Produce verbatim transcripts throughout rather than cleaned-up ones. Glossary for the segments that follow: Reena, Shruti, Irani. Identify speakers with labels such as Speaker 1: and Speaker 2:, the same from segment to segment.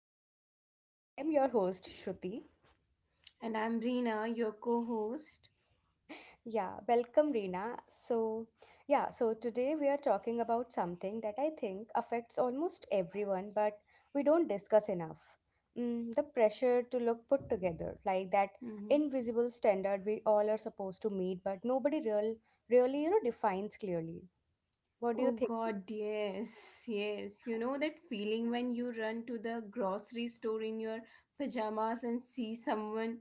Speaker 1: podcast. I am your host, Shruti.
Speaker 2: And I'm Reena, your co host.
Speaker 1: Yeah, welcome, Reena. So, yeah, so today we are talking about something that I think affects almost everyone, but we don't discuss enough. Mm, the pressure to look put together, like that
Speaker 2: hmm
Speaker 1: invisible standard we all are supposed to meet, but nobody real, really, you know, defines clearly. What do you
Speaker 2: Oh
Speaker 1: think?
Speaker 2: god, yes, yes. You know that feeling when you run to the grocery store in your pajamas and see someone,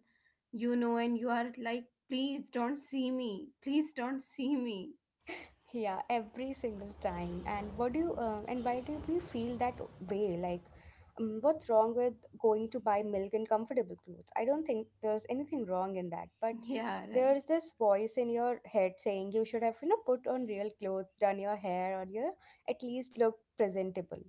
Speaker 2: you know, and you are like, please don't see me, please don't see me.
Speaker 1: Yeah, every single time. And what do you uh, and why do we feel that way? Like, um, what's wrong with going to buy milk in comfortable clothes? I don't think there's anything wrong in that, but
Speaker 2: Yeah, right,
Speaker 1: there's this voice in your head saying you should have, you know, put on real clothes, done your hair, or you know, at least look presentable.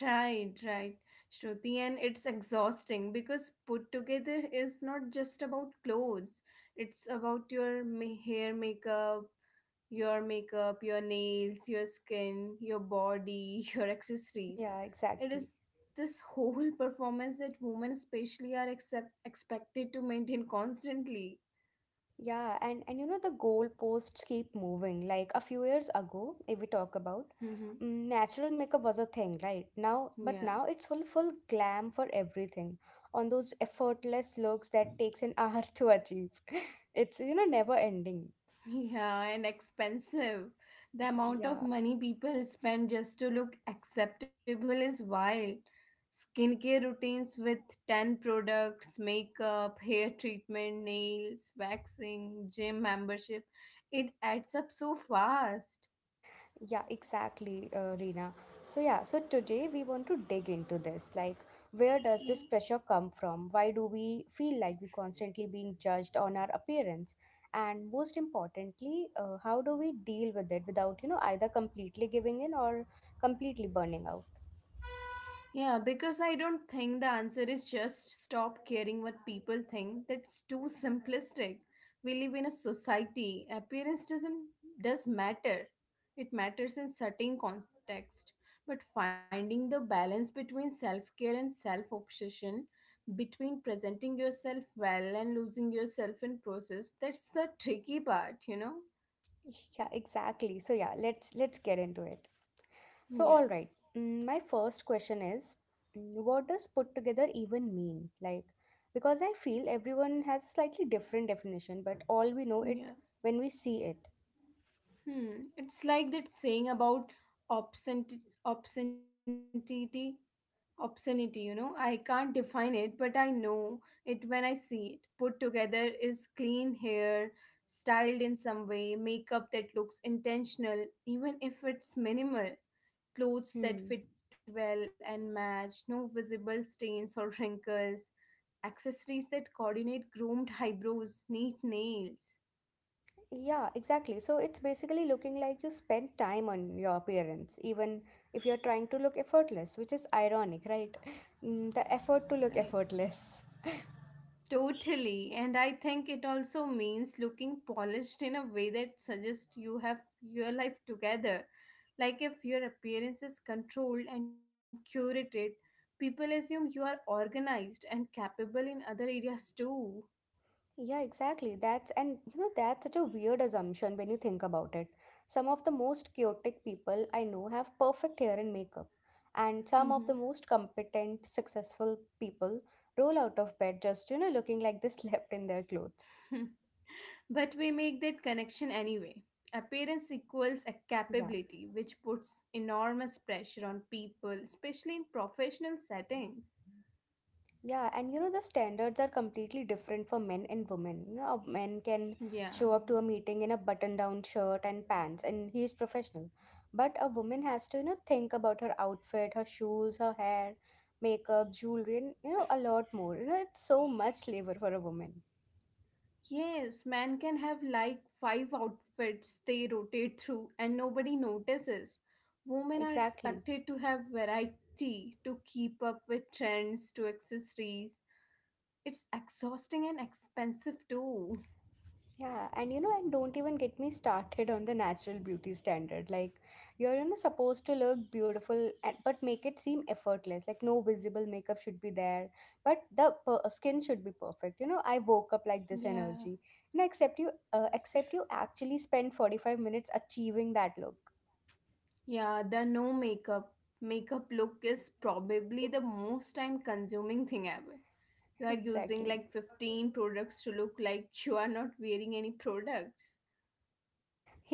Speaker 2: right, right. Shruti, and it's exhausting because put together is not just about clothes, it's about your ma- hair, makeup, your makeup, your nails, your skin, your body, your accessories.
Speaker 1: Yeah,
Speaker 2: It
Speaker 1: exactly.
Speaker 2: is this whole performance that women, especially, are accept- expected to maintain constantly.
Speaker 1: Yeah, and and you know the goalposts keep moving. Like a few years ago, if we talk about,
Speaker 2: hmm
Speaker 1: mm, natural makeup was a thing, right? Now, but
Speaker 2: Yeah.
Speaker 1: now it's full full glam for everything. On those effortless looks that takes an hour to achieve. It's you know never ending.
Speaker 2: Yeah, and expensive. The amount of
Speaker 1: Yeah.
Speaker 2: money people spend just to look acceptable is wild. Skincare routines with ten products, makeup, hair treatment, nails, waxing, gym membership. It adds up so fast.
Speaker 1: Yeah, exactly, uh, Reena. So, yeah, so today we want to dig into this. Like, where does
Speaker 2: Yeah.
Speaker 1: this pressure come from? Why do we feel like we constantly being judged on our appearance? And most importantly, uh, how do we deal with it without, you know, either completely giving in or completely burning out?
Speaker 2: Yeah, because I don't think the answer is just stop caring what people think. That's too simplistic. We live in a society. Appearance doesn't does matter. It matters in certain context. But finding the balance between self-care and self-obsession, between presenting yourself well and losing yourself in process, that's the tricky part, you know?
Speaker 1: Yeah, exactly. So, yeah, let's let's get into it. So, all
Speaker 2: Yeah.
Speaker 1: right. mm, My first question is mm, what does put together even mean? Like, because I feel everyone has a slightly different definition, but all we know
Speaker 2: Yeah.
Speaker 1: it when we see it.
Speaker 2: Hmm. It's like that saying about obscent obscenity obscenity, you know, I can't define it but I know it when I see it. Put together is clean hair styled in some way, makeup that looks intentional even if it's minimal, clothes
Speaker 1: Hmm.
Speaker 2: that fit well and match, no visible stains or wrinkles, accessories that coordinate, groomed eyebrows, neat nails.
Speaker 1: Yeah, exactly. So it's basically looking like you spend time on your appearance, even if you're trying to look effortless, which is ironic, right? Mm, The effort to look
Speaker 2: Right.
Speaker 1: effortless.
Speaker 2: Totally, and I think it also means looking polished in a way that suggests you have your life together. Like if your appearance is controlled and curated, people assume you are organized and capable in other areas too.
Speaker 1: Yeah, exactly. That's and you know that's such a weird assumption when you think about it. Some of the most chaotic people I know have perfect hair and makeup, and
Speaker 2: Mhm.
Speaker 1: some of the most competent, successful people roll out of bed just you know looking like they slept in their clothes.
Speaker 2: but we make that connection anyway. Appearance equals a
Speaker 1: Yeah.
Speaker 2: capability, which puts enormous pressure on people, especially in professional settings.
Speaker 1: Yeah, and you know, the standards are completely different for men and women. You know, a man can
Speaker 2: Yeah.
Speaker 1: show up to a meeting in a button down shirt and pants, and he is professional. But a woman has to, you know, think about her outfit, her shoes, her hair, makeup, jewelry, and, you know, a lot more. You know, it's so much labor for a woman.
Speaker 2: Yes, man can have like five outfits they rotate through and nobody notices.
Speaker 1: Yeah,
Speaker 2: Women are
Speaker 1: exactly.
Speaker 2: expected to have variety, to keep up with trends, to accessories. It's exhausting and expensive too.
Speaker 1: Yeah, and you know, and don't even get me started on the natural beauty standard. Like, you're, you know, supposed to look beautiful, and, but make it seem effortless. Like, no visible makeup should be there, but the per- skin should be perfect. You know, I woke up like this
Speaker 2: Yeah.
Speaker 1: energy, and I accept you, uh, accept you actually spend forty-five minutes achieving that look.
Speaker 2: Yeah, the no makeup makeup look is probably the most time consuming thing ever. You are using
Speaker 1: Exactly.
Speaker 2: like fifteen products to look like you are not wearing any products.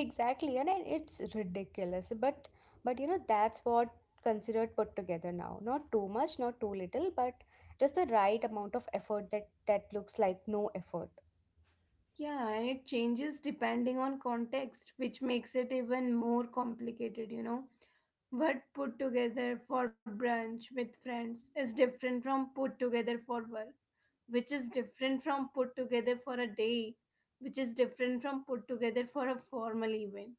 Speaker 1: Exactly, and it- it's ridiculous. But but you know that's what considered put together now. Not too much, not too little, but just the right amount of effort that that looks like no effort.
Speaker 2: Yeah, and it changes depending on context, which makes it even more complicated, you know. What put together for brunch with friends is different from put together for work, which is different from put together for a date, which is different from put together for a formal event.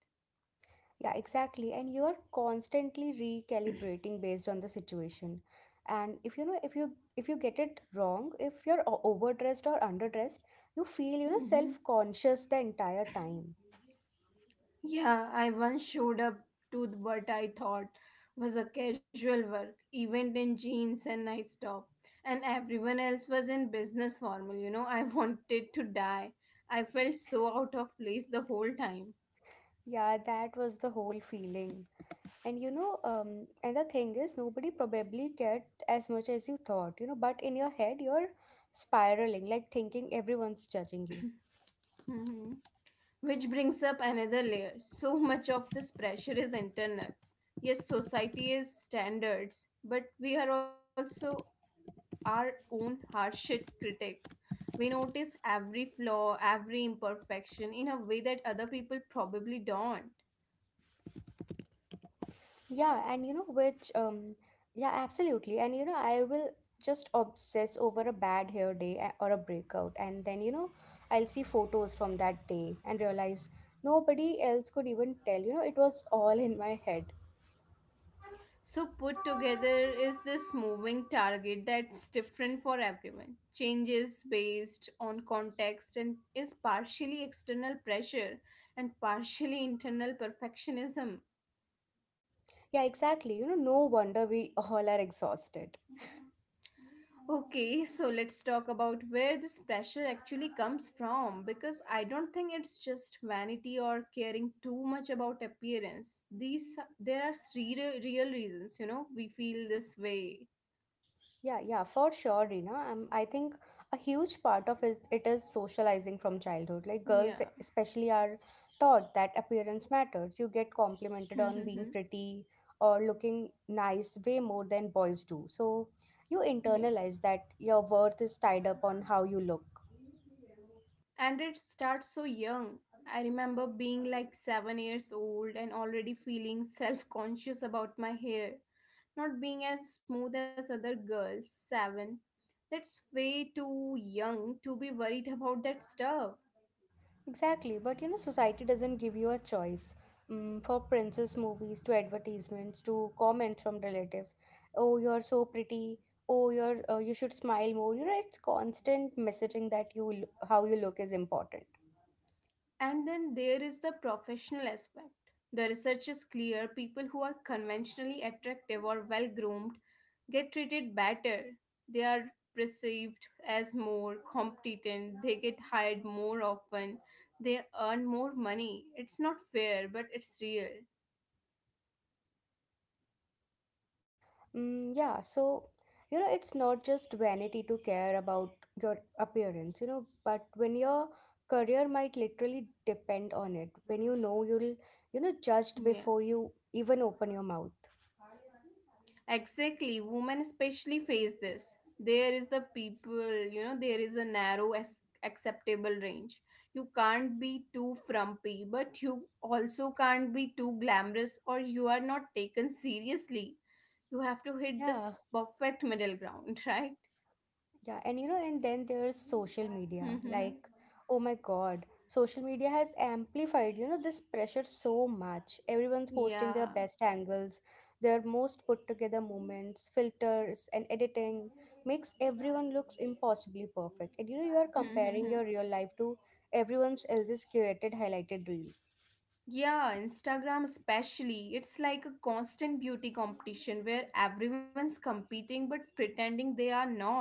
Speaker 1: Yeah, exactly. And you are constantly recalibrating based on the situation. And if you know if you if you get it wrong, if you're o- overdressed or underdressed, you feel you know
Speaker 2: hmm
Speaker 1: self-conscious the entire time.
Speaker 2: Yeah, I once showed up to what I thought was a casual work event in jeans and nice top, and everyone else was in business formal. You know, I wanted to die. I felt so out of place the whole time.
Speaker 1: Yeah, that was the whole feeling. And you know, um, and the thing is, nobody probably cared as much as you thought, you know, but in your head, you're spiraling, like thinking everyone's judging you.
Speaker 2: hmm Which brings up another layer. So much of this pressure is internal. Yes, society is standards, but we are also our own harshest critics. We notice every flaw, every imperfection in a way that other people probably don't.
Speaker 1: Yeah, and you know, which, um, yeah, absolutely. And you know, I will just obsess over a bad hair day a- or a breakout, and then, you know, I'll see photos from that day and realize nobody else could even tell, you know, it was all in my head.
Speaker 2: So, put together is this moving target that's different for everyone, changes based on context, and is partially external pressure and partially internal perfectionism.
Speaker 1: Yeah, exactly. You know, no wonder we all are exhausted.
Speaker 2: Okay, so let's talk about where this pressure actually comes from because I don't think it's just vanity or caring too much about appearance. These There are three re- real reasons, you know, we feel this way.
Speaker 1: Yeah, yeah, for sure, Reena. Um, I think a huge part of is it is socializing from childhood. Like girls,
Speaker 2: Yeah.
Speaker 1: especially, are taught that appearance matters. You get complimented
Speaker 2: yeah.
Speaker 1: on being pretty or looking nice way more than boys do. So you internalize that your worth is tied up on how you look.
Speaker 2: And it starts so young. I remember being like seven years old and already feeling self-conscious about my hair not being as smooth as other girls. Seven, that's way too young to be worried about that stuff.
Speaker 1: Exactly, but you know, society doesn't give you a choice. Mm, for princess movies to advertisements to comments from relatives. Oh, you're so pretty. Oh, you're uh, you should smile more. You know, it's constant messaging that you l- how you look is important.
Speaker 2: And then there is the professional aspect. The research is clear: people who are conventionally attractive or well groomed get treated better. They are perceived as more competent, they get hired more often, they earn more money. It's not fair, but it's real.
Speaker 1: Mm, yeah, so you know, it's not just vanity to care about your appearance. You know, but when your career might literally depend on it. When you know you'll you know judged
Speaker 2: Yeah.
Speaker 1: before you even open your mouth.
Speaker 2: Exactly, women especially face this. There is the people, you know, there is a narrow as acceptable range. You can't be too frumpy, but you also can't be too glamorous or you are not taken seriously. You have to hit
Speaker 1: Yeah.
Speaker 2: this perfect middle ground, right?
Speaker 1: Yeah, and you know, and then there's social media. Like, oh my God, social media has amplified, you know, this pressure so much. Everyone's posting their
Speaker 2: yeah.
Speaker 1: best angles, their most put together moments, filters, and editing makes everyone looks impossibly perfect. And you know, you are comparing your real life to everyone else's curated highlighted reel.
Speaker 2: Yeah, Instagram especially. It's like a constant beauty competition where everyone's competing but pretending they are not.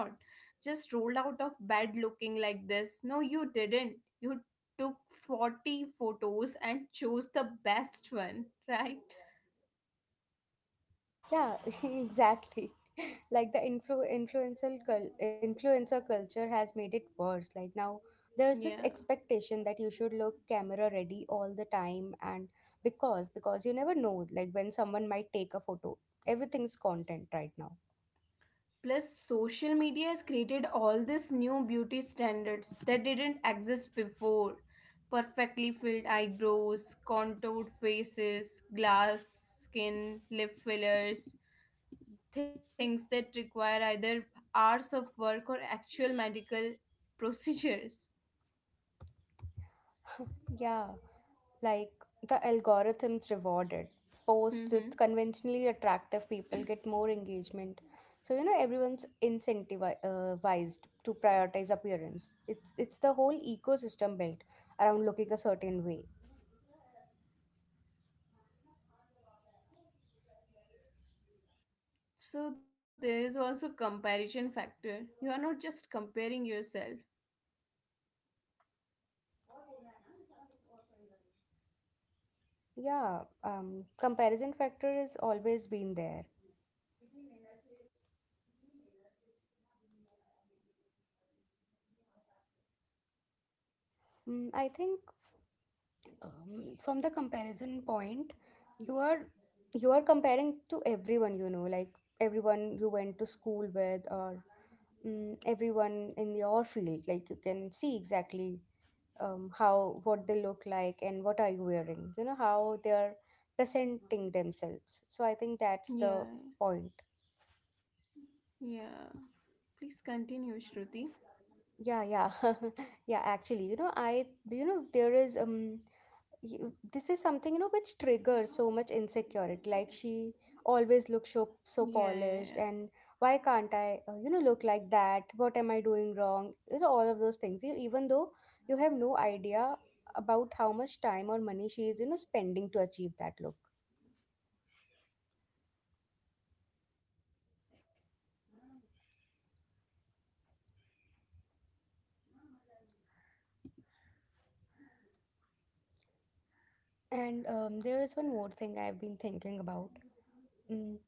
Speaker 2: Just rolled out of bed looking like this. No, you didn't. You took forty photos and chose the best one, right?
Speaker 1: Yeah, exactly. Like the influ influential cul influencer culture has made it worse. Like now there's this
Speaker 2: Yeah.
Speaker 1: expectation that you should look camera ready all the time and because because you never know like when someone might take a photo. Everything's content right now.
Speaker 2: Plus, social media has created all these new beauty standards that didn't exist before. Perfectly filled eyebrows, contoured faces, glass skin, lip fillers, things that require either hours of work or actual medical procedures.
Speaker 1: Yeah. Like the algorithms rewarded posts with
Speaker 2: Mhm.
Speaker 1: conventionally attractive people get more engagement so you know everyone's incentivized to prioritize appearance, it's it's the whole ecosystem built around looking a certain way.
Speaker 2: So, there is also comparison factor. You are not just comparing yourself.
Speaker 1: Yeah, um comparison factor has always been there. Mm, I think, um, from the comparison point, you are you are comparing to everyone you know, like everyone you went to school with, or mm, everyone in your field. Like you can see exactly, um, how what they look like and what are you wearing, you know, how they are presenting themselves. So I think that's the
Speaker 2: Yeah,
Speaker 1: point.
Speaker 2: yeah. Please continue, Shruti.
Speaker 1: Yeah, yeah. Yeah, actually, you know, i you know there is, um you- this is something you know which triggers so much insecurity. Like she always looks so so
Speaker 2: Yeah,
Speaker 1: polished and
Speaker 2: yeah.
Speaker 1: why can't i uh, you know look like that? What am I doing wrong? You know, all of those things. E- even though you have no idea about how much time or money she is you know spending to achieve that look. And um, there is one more thing I've been thinking about. Mm.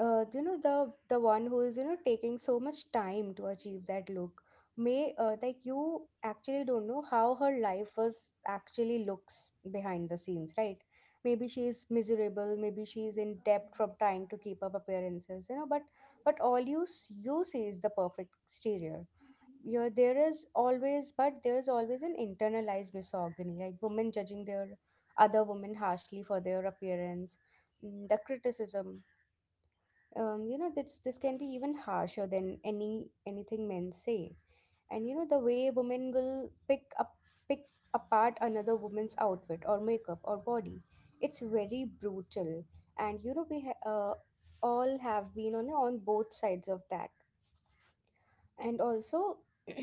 Speaker 1: Uh, you know, the the one who is you know taking so much time to achieve that look, may uh, like you actually don't know how her life was actually looks behind the scenes, right? Maybe she is miserable, maybe she is in debt from trying to keep up appearances, you know, but but all you s- you see is the perfect exterior. You there is always but There is always an internalized misogyny, like women judging their other women harshly for their appearance. Mm, the criticism, um, you know, this this can be even harsher than any anything men say. And you know, the way women will pick up pick apart another woman's outfit or makeup or body, it's very brutal. And you know, we ha- uh, all have been on on both sides of that. And also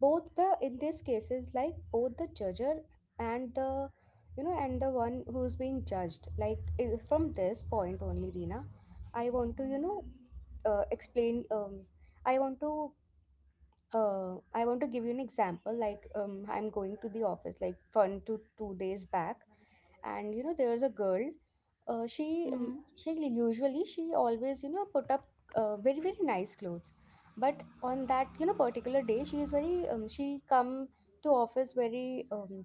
Speaker 1: both the in these cases, like both the judger and the you know and the one who's being judged. Like i- from this point only, Rina, I want to you know uh, explain, um, I want to uh, I want to give you an example. Like, um, I'm going to the office like one to two days back, and you know, there's a girl. Uh, she um, she
Speaker 2: Mm-hmm.
Speaker 1: usually she always you know put up uh, very very nice clothes, but on that you know particular day she is very um, she come to office very um,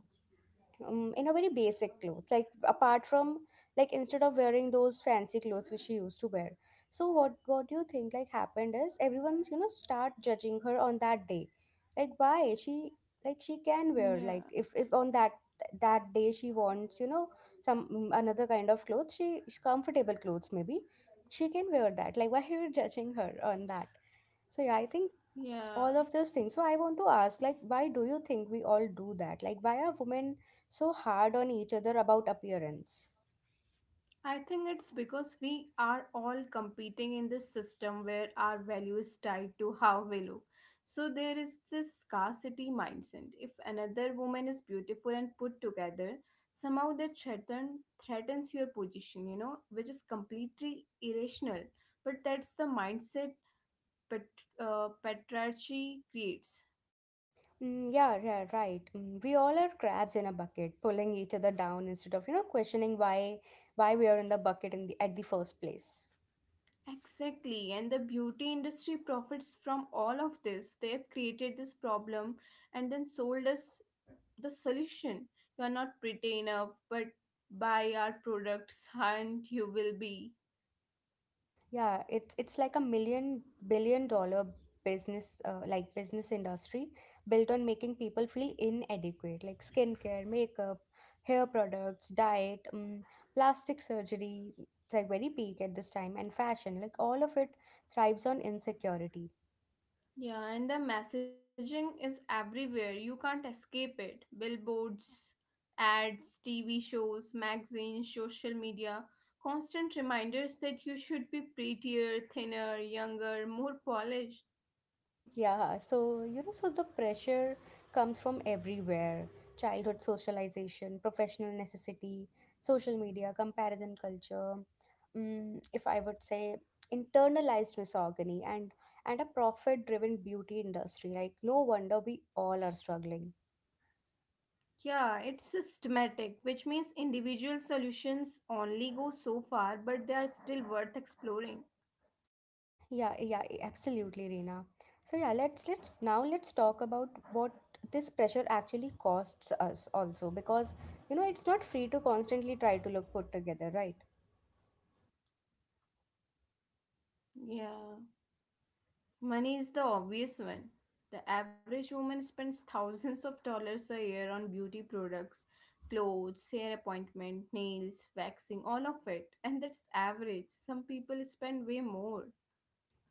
Speaker 1: um, in a very basic clothes, like apart from, like, instead of wearing those fancy clothes which she used to wear. So what what do you think like happened is everyone's you know start judging her on that day. Like why she, like she
Speaker 2: Yeah,
Speaker 1: can wear, like if if on that that day she wants you know some mm, another kind of clothes, she comfortable clothes maybe she can wear that. Like why you're judging her on that? So yeah, I think all
Speaker 2: yeah.
Speaker 1: of those things. So I want to ask, like, why do you think we all do that? Like, why are women so hard on each other about appearance?
Speaker 2: I think it's because we are all competing in this system where our value is tied to how we look. So there is this scarcity mindset. If another woman is beautiful and put together, somehow that threaten, threatens your position, you know, which is completely irrational. But that's the mindset pat, uh, patriarchy creates.
Speaker 1: Mm, yeah, yeah, right. Mm, we all are crabs in a bucket, pulling each other down instead of you know questioning why why we are in the bucket in the at the first place.
Speaker 2: Exactly, and the beauty industry profits from all of this. They've created this problem and then sold us the solution. You are not pretty enough, but buy our products and you will be.
Speaker 1: Yeah, it's it's like a million billion dollar business uh, like business industry built on making people feel inadequate, like skincare, makeup, hair products, diet, um, plastic surgery. It's like very peak at this time, and fashion, like all of it thrives on insecurity.
Speaker 2: Yeah, and the messaging is everywhere. You can't escape it. Billboards, ads, T V shows, magazines, social media, constant reminders that you should be prettier, thinner, younger, more polished.
Speaker 1: Yeah, so you know, so the pressure comes from everywhere. Childhood socialization, professional necessity, social media, comparison culture. Mm, if I would say internalized misogyny and and a profit-driven beauty industry. Like no wonder we all are struggling.
Speaker 2: Yeah, it's systematic, which means individual solutions only go so far, but they are still worth exploring.
Speaker 1: Yeah, yeah, absolutely, Reena. So yeah, let's let's now let's talk about what this pressure actually costs us also because you know it's not free to constantly try to look put together, right?
Speaker 2: Yeah, money is the obvious one. The average woman spends thousands of dollars a year on beauty products, clothes, hair appointment, nails, waxing, all of it. And that's average. Some people spend way more.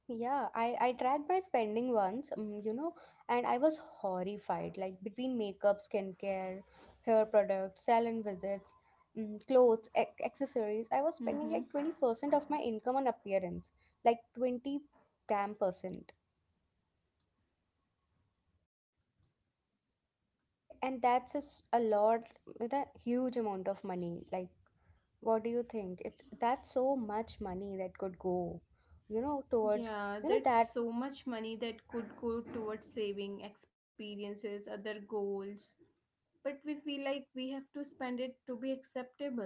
Speaker 1: Yeah, I, I tracked my spending once, um, you know, and I was horrified. Like between makeup, skincare, hair products, salon visits, um, clothes, ac accessories, I was spending like
Speaker 2: Mm-hmm.
Speaker 1: twenty percent of my income on appearance, like twenty damn percent. And and that's just a lot with a huge amount of money. Like, what do you think? It That's so much money that could go, you know, towards
Speaker 2: Yeah,
Speaker 1: you know
Speaker 2: that's
Speaker 1: that
Speaker 2: so much money that could go towards saving experiences, other goals, but we feel like we have to spend it to be acceptable.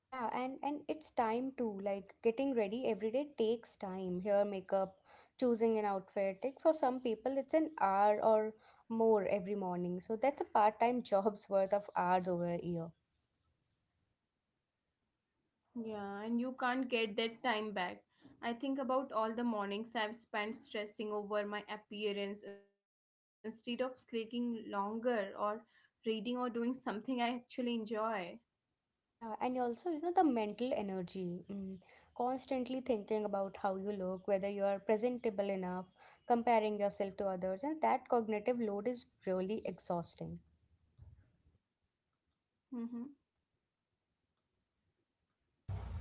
Speaker 1: Yeah, and and it's time too. Like getting ready every day takes time. Hair, makeup, choosing an outfit. Like for some people, it's an hour or more every morning. So that's a part-time job's worth of hours over a year.
Speaker 2: Yeah, and you can't get that time back. I think about all the mornings I've spent stressing over my appearance instead of sleeping longer or reading or doing something I actually enjoy.
Speaker 1: Yeah, and also, you know, the mental energy. Mm, constantly thinking about how you look, whether you are presentable enough, comparing yourself to others, and that cognitive load is really exhausting.
Speaker 2: Mm-hmm.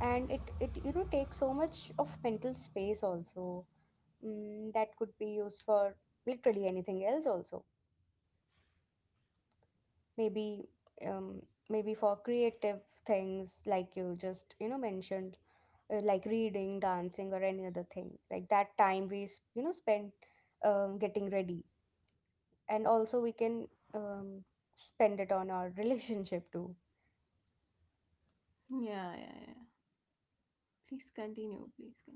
Speaker 1: And it it you know takes so much of mental space also, mm, that could be used for literally anything else also, maybe, um, maybe for creative things like you just you know mentioned, uh, like reading, dancing, or any other thing. Like that time we s- you know spend um, getting ready, and also we can, um, spend it on our relationship too.
Speaker 2: Yeah, yeah, yeah. Please continue. Please continue.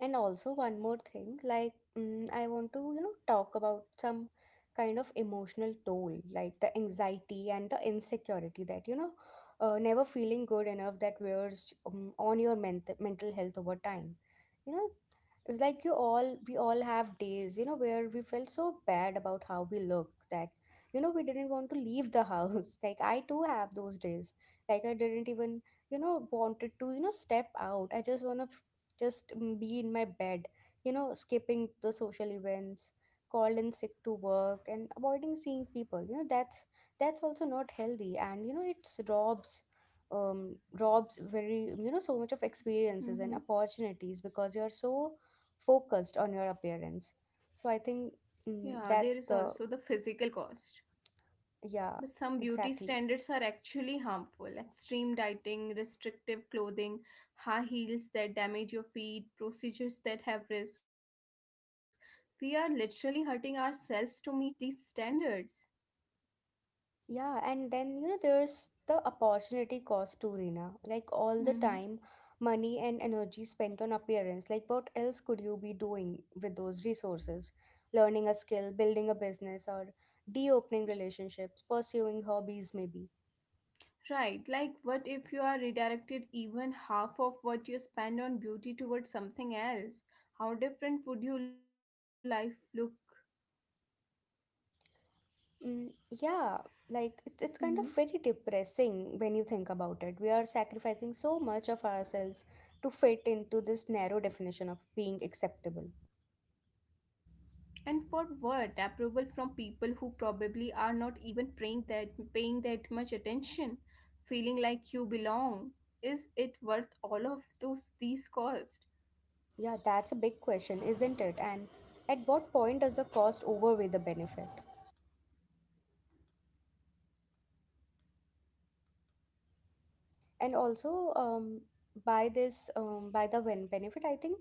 Speaker 1: And also, one more thing like, mm, I want to, you know, talk about some kind of emotional toll, like the anxiety and the insecurity that, you know, uh, never feeling good enough, that wears um, on your ment- mental health over time. You know, it's like you all, we all have days, you know, where we felt so bad about how we look that, you know, we didn't want to leave the house. Like, I too have those days. Like, I didn't even you know wanted to you know step out. I just want to just mm, be in my bed, you know, skipping the social events, called in sick to work, and avoiding seeing people. You know, that's that's also not healthy, and you know it's robs, um robs very you know so much of experiences and
Speaker 2: Mm-hmm.
Speaker 1: opportunities because you're so focused on your appearance. So I think,
Speaker 2: Yeah,
Speaker 1: mm,
Speaker 2: there is
Speaker 1: that's
Speaker 2: also the
Speaker 1: the,
Speaker 2: physical cost.
Speaker 1: yeah,
Speaker 2: But some beauty
Speaker 1: exactly.
Speaker 2: standards are actually harmful. Extreme dieting, restrictive clothing, high heels that damage your feet, procedures that have risk. We are literally hurting ourselves to meet these standards.
Speaker 1: Yeah, and then you know there's the opportunity cost to Rina. Like all the
Speaker 2: Mhm.
Speaker 1: time, money, and energy spent on appearance. Like what else could you be doing with those resources? Learning a skill, building a business, or de-opening relationships, pursuing hobbies maybe.
Speaker 2: Right, like what if you are redirected even half of what you spend on beauty towards something else? How different would your life look?
Speaker 1: Mm, yeah, like it's it's kind of very depressing when you think about it. We are sacrificing so much of ourselves to fit into this narrow definition of being acceptable.
Speaker 2: And for what? Approval from people who probably are not even praying that paying that much attention, feeling like you belong. Is it worth all of those these costs?
Speaker 1: Yeah, that's a big question, isn't it? And at what point does the cost overweigh the benefit? And also, um, by this, um, by the ben- benefit, I think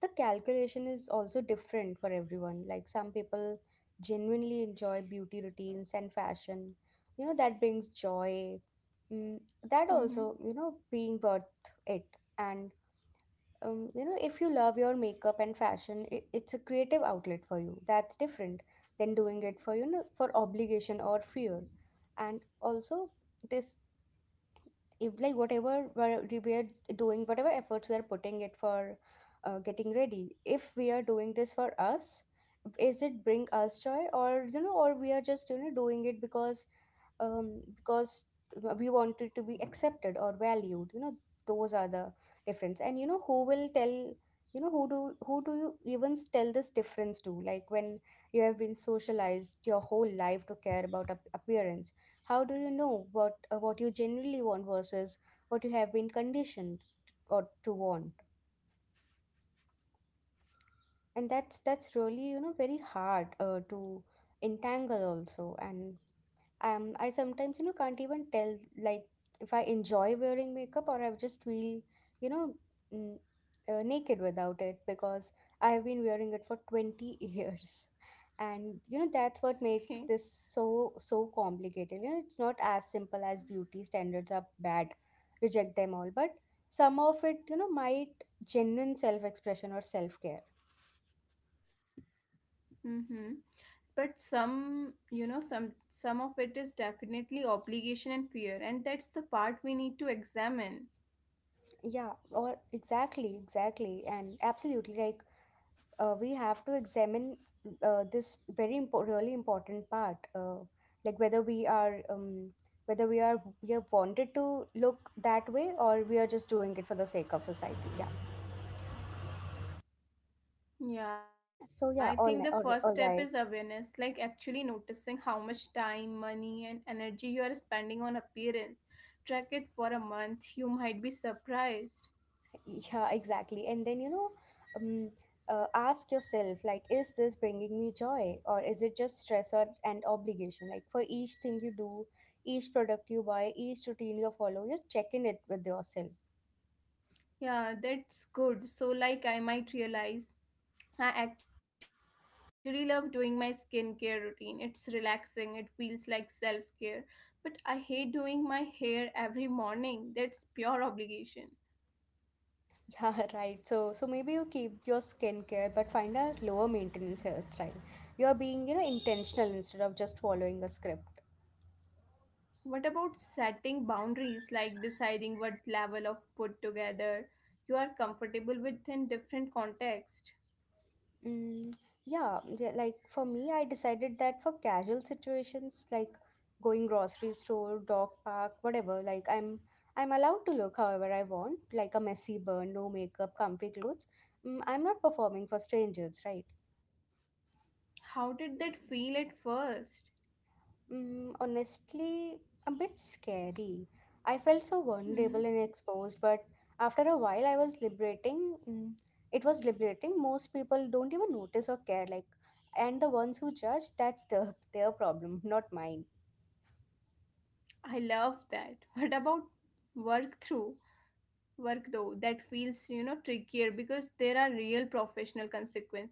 Speaker 1: the calculation is also different for everyone. Like some people genuinely enjoy beauty routines and fashion. You know, that brings joy. Mm, that also, you know,
Speaker 2: Mm-hmm.
Speaker 1: being worth it. And um, you know if you love your makeup and fashion, I it's a creative outlet for you. That's different than doing it for you know for obligation or fear. And also this, if like whatever we're- we are doing, whatever efforts we are putting it for, uh, getting ready, if we are doing this for us, is it bring us joy? Or you know, or we are just you know doing it because, um, because we want it to be accepted or valued, you know. Those are the difference. And you know who will tell, you know who do who do you even tell this difference to? Like when you have been socialized your whole life to care about ap- appearance, how do you know what, uh, what you generally want versus what you have been conditioned t- or to want? And that's that's really you know very hard, uh, to entangle also. And um I sometimes you know can't even tell, like if I enjoy wearing makeup, or I just feel you know, mm, uh, naked without it, because I have been wearing it for twenty years. And you know that's what makes this
Speaker 2: Okay.
Speaker 1: so so complicated. You know it's not as simple as beauty standards are bad, reject them all. But some of it you know might genuine self expression or self care.
Speaker 2: Mm-hmm. But some, you know, some some of it is definitely obligation and fear, and that's the part we need to examine.
Speaker 1: Yeah, or exactly, exactly, and absolutely. Like, uh, we have to examine, uh, this very impo- really important part, uh, like whether we are, um, whether we are we are wanted to look that way, or we are just doing it for the sake of society. Yeah,
Speaker 2: Yeah,
Speaker 1: so
Speaker 2: I
Speaker 1: yeah,
Speaker 2: think
Speaker 1: all,
Speaker 2: the
Speaker 1: right, all,
Speaker 2: first
Speaker 1: all
Speaker 2: step is
Speaker 1: right.
Speaker 2: awareness, like actually noticing how much time, money, and energy you are spending on appearance. Track it for a month, you might be surprised.
Speaker 1: Yeah, exactly, and then you know, um, uh, ask yourself like is this bringing me joy or is it just stress or and obligation? Like for each thing you do, each product you buy, each routine you follow, you check in it with yourself.
Speaker 2: Yeah, that's good. So, like, I might realize I actually love doing my skincare routine. It's relaxing, it feels like self care. But I hate doing my hair every morning. That's pure obligation.
Speaker 1: Yeah, right. So, so maybe you keep your skincare, but find a lower maintenance hairstyle. You are being, you know, intentional instead of just following a script.
Speaker 2: What about setting boundaries, like deciding what level of put together you are comfortable with in different contexts?
Speaker 1: Mm, yeah, yeah, like for me, I decided that for casual situations like going grocery store, dog park, whatever, like I'm I'm allowed to look however I want, like a messy burn, no makeup, comfy clothes. Mm, I'm not performing for strangers, right?
Speaker 2: How did that feel at first?
Speaker 1: Mm, honestly, a bit scary. I felt
Speaker 2: Mm-hmm.
Speaker 1: so vulnerable and exposed, but after a while, I was liberating. Mm, it was liberating. Most people don't even notice or care. Like, and the ones who judge, that's the, their problem, not mine.
Speaker 2: I love that. What about work through? Work though, that feels, you know, trickier because there are real professional consequences.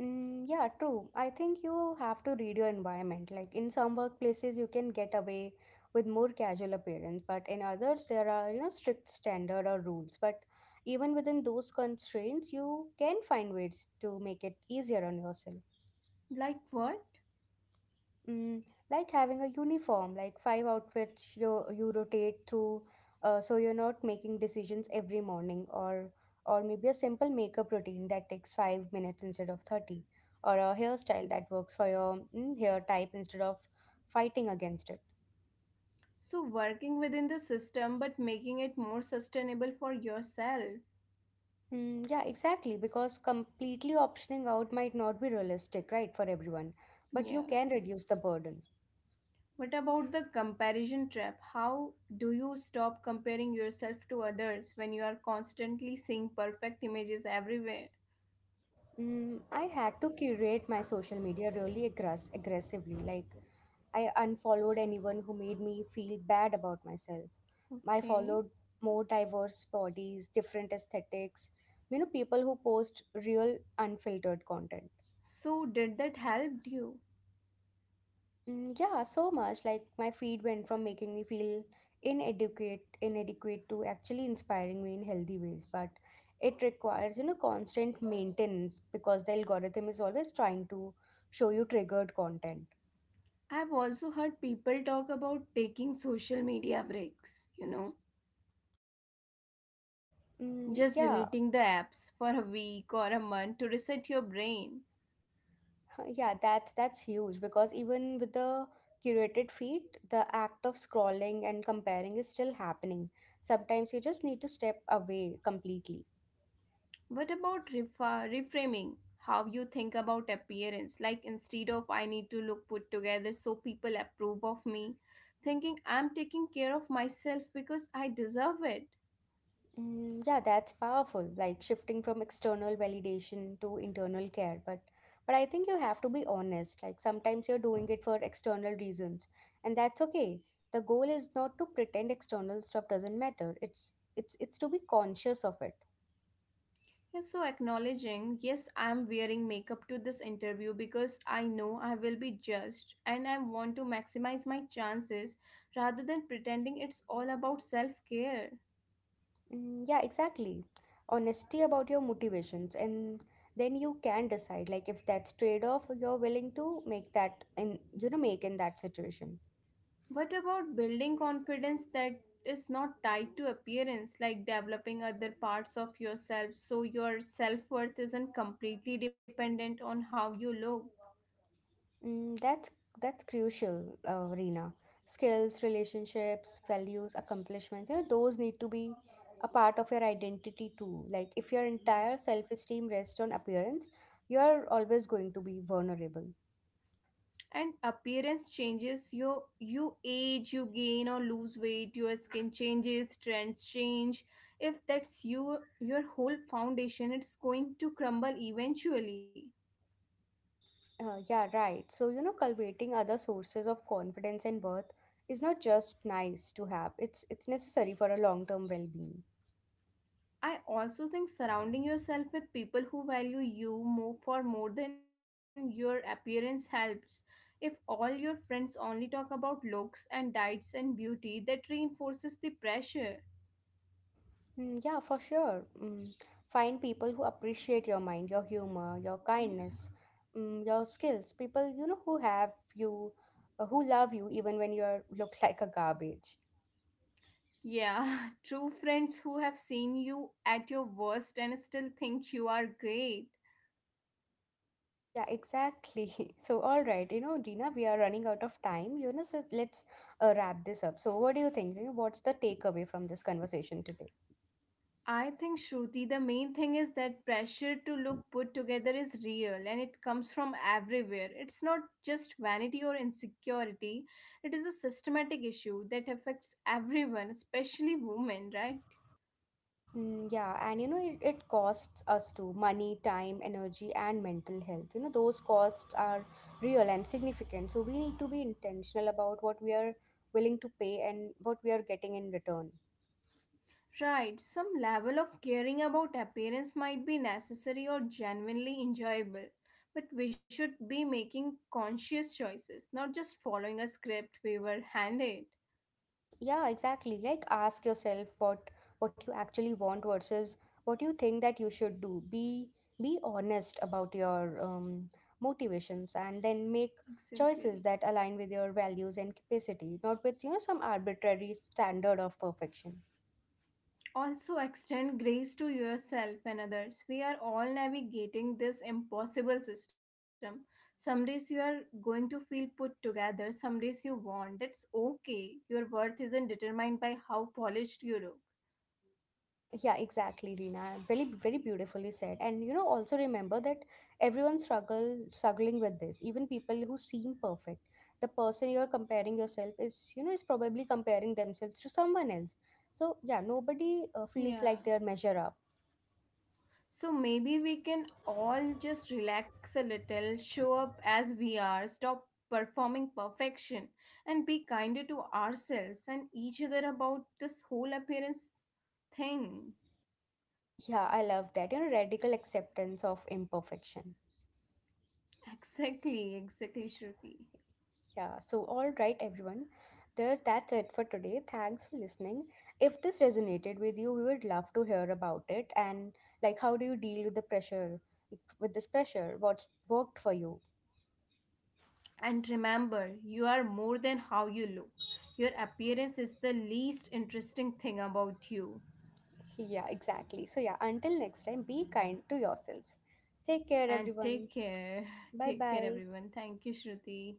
Speaker 1: Mm, yeah, true. I think you have to read your environment. Like in some workplaces, you can get away with more casual appearance, but in others, there are, you know, strict standard or rules. But even within those constraints, you can find ways to make it easier on yourself.
Speaker 2: Like what?
Speaker 1: Mm, like having a uniform, like five outfits you you rotate through, uh, so you're not making decisions every morning, or or maybe a simple makeup routine that takes five minutes instead of thirty, or a hairstyle that works for your mm, hair type instead of fighting against it.
Speaker 2: So, working within the system but making it more sustainable for yourself.
Speaker 1: Mm, yeah, exactly, because completely optioning out might not be realistic, right, for everyone, but you
Speaker 2: Yeah.
Speaker 1: can reduce the burden.
Speaker 2: What about the comparison trap? How do you stop comparing yourself to others when you are constantly seeing perfect images everywhere?
Speaker 1: Mm, I had to curate my social media really aggress- aggressively. Like, I unfollowed anyone who made me feel bad about myself. I
Speaker 2: Okay.
Speaker 1: followed more diverse bodies, different aesthetics, you know, people who post real unfiltered content.
Speaker 2: So, did that help you?
Speaker 1: Mm, yeah, so much. Like my feed went from making me feel inadequate, inadequate to actually inspiring me in healthy ways. But it requires, you know, constant maintenance because the algorithm is always trying to show you triggered content.
Speaker 2: I've also heard people talk about taking social media breaks, you know,
Speaker 1: Mm,
Speaker 2: just
Speaker 1: yeah,
Speaker 2: deleting the apps for a week or a month to reset your brain.
Speaker 1: Uh, yeah, that's that's huge because even with the curated feed, the act of scrolling and comparing is still happening. Sometimes you just need to step away completely.
Speaker 2: What about refa- reframing how you think about appearance? Like instead of I need to look put together so people approve of me, thinking I'm taking care of myself because I deserve it.
Speaker 1: Mm, yeah, that's powerful. Like shifting from external validation to internal care, but but I think you have to be honest. Like sometimes you're doing it for external reasons, and that's okay. The goal is not to pretend external stuff doesn't matter. It's it's it's to be conscious of it.
Speaker 2: Yeah, so acknowledging, yes, I'm wearing makeup to this interview because I know I will be judged and I want to maximize my chances rather than pretending it's all about self care.
Speaker 1: Mm, yeah, exactly. Honesty about your motivations, and then you can decide like if that's trade-off you're willing to make that in you know make in that situation.
Speaker 2: What about building confidence that is not tied to appearance, like developing other parts of yourself so your self worth isn't completely dependent on how you look?
Speaker 1: Mm, that's that's crucial, uh, Reena. Skills, relationships, values, accomplishments, you know, those need to be a part of your identity too. Like if your entire self-esteem rests on appearance, you're always going to be vulnerable.
Speaker 2: And appearance changes, you, you age, you gain or lose weight, your skin changes, trends change. If that's you, your whole foundation, it's going to crumble eventually.
Speaker 1: Uh, yeah, right. So, you know, cultivating other sources of confidence and worth is not just nice to have. It's it's necessary for a long-term well-being.
Speaker 2: I also think surrounding yourself with people who value you more for more than your appearance helps. If all your friends only talk about looks and diets and beauty, that reinforces the pressure.
Speaker 1: Mm, yeah, for sure. Mm, find people who appreciate your mind, your humor, your
Speaker 2: Yeah.
Speaker 1: kindness, mm, your skills. People, you know, who have you, uh, who love you even when you are look like a garbage.
Speaker 2: Yeah, true friends who have seen you at your worst and still think you are great.
Speaker 1: Yeah, exactly. So, all right, you know, Dina, we are running out of time. You know, so let's uh, wrap this up. So, what do you think? You know, what's the takeaway from this conversation today?
Speaker 2: I think, Shruti, the main thing is that pressure to look put together is real and it comes from everywhere. It's not just vanity or insecurity, it is a systematic issue that affects everyone, especially women, right?
Speaker 1: Mm, yeah, and you know, it, it costs us too, money, time, energy, and mental health. You know, those costs are real and significant. So we need to be intentional about what we are willing to pay and what we are getting in return.
Speaker 2: Right, some level of caring about appearance might be necessary or genuinely enjoyable, but we should be making conscious choices, not just following a script we were handed.
Speaker 1: Yeah, exactly. Like ask yourself what what you actually want versus what you think that you should do. Be be honest about your um, motivations and then make
Speaker 2: Exactly.
Speaker 1: choices that align with your values and capacity, not with you know some arbitrary standard of perfection.
Speaker 2: Also, extend grace to yourself and others. We are all navigating this impossible system. Some days you are going to feel put together, some days you won't. That's okay. Your worth isn't determined by how polished you look.
Speaker 1: Yeah, exactly, Rina. Very, very beautifully said. And you know, also remember that everyone struggle struggling with this. Even people who seem perfect, the person you're comparing yourself is, you know, is probably comparing themselves to someone else. So yeah, nobody uh, feels
Speaker 2: Yeah.
Speaker 1: like they're measure up.
Speaker 2: So maybe we can all just relax a little, show up as we are, stop performing perfection, and be kinder to ourselves and each other about this whole appearance thing.
Speaker 1: Yeah, I love that. You know, radical acceptance of imperfection.
Speaker 2: Exactly, exactly, Shruti.
Speaker 1: Yeah, so all right, everyone. There's That's it for today. Thanks for listening. If this resonated with you, we would love to hear about it. And like how do you deal with the pressure, with this pressure? What's worked for you?
Speaker 2: And remember, you are more than how you look. Your appearance is the least interesting thing about you.
Speaker 1: Yeah, exactly. So yeah, until next time, be kind to yourselves. Take care
Speaker 2: And
Speaker 1: everyone.
Speaker 2: take care.
Speaker 1: Bye
Speaker 2: Take care,
Speaker 1: bye.
Speaker 2: everyone. Thank you, Shruti.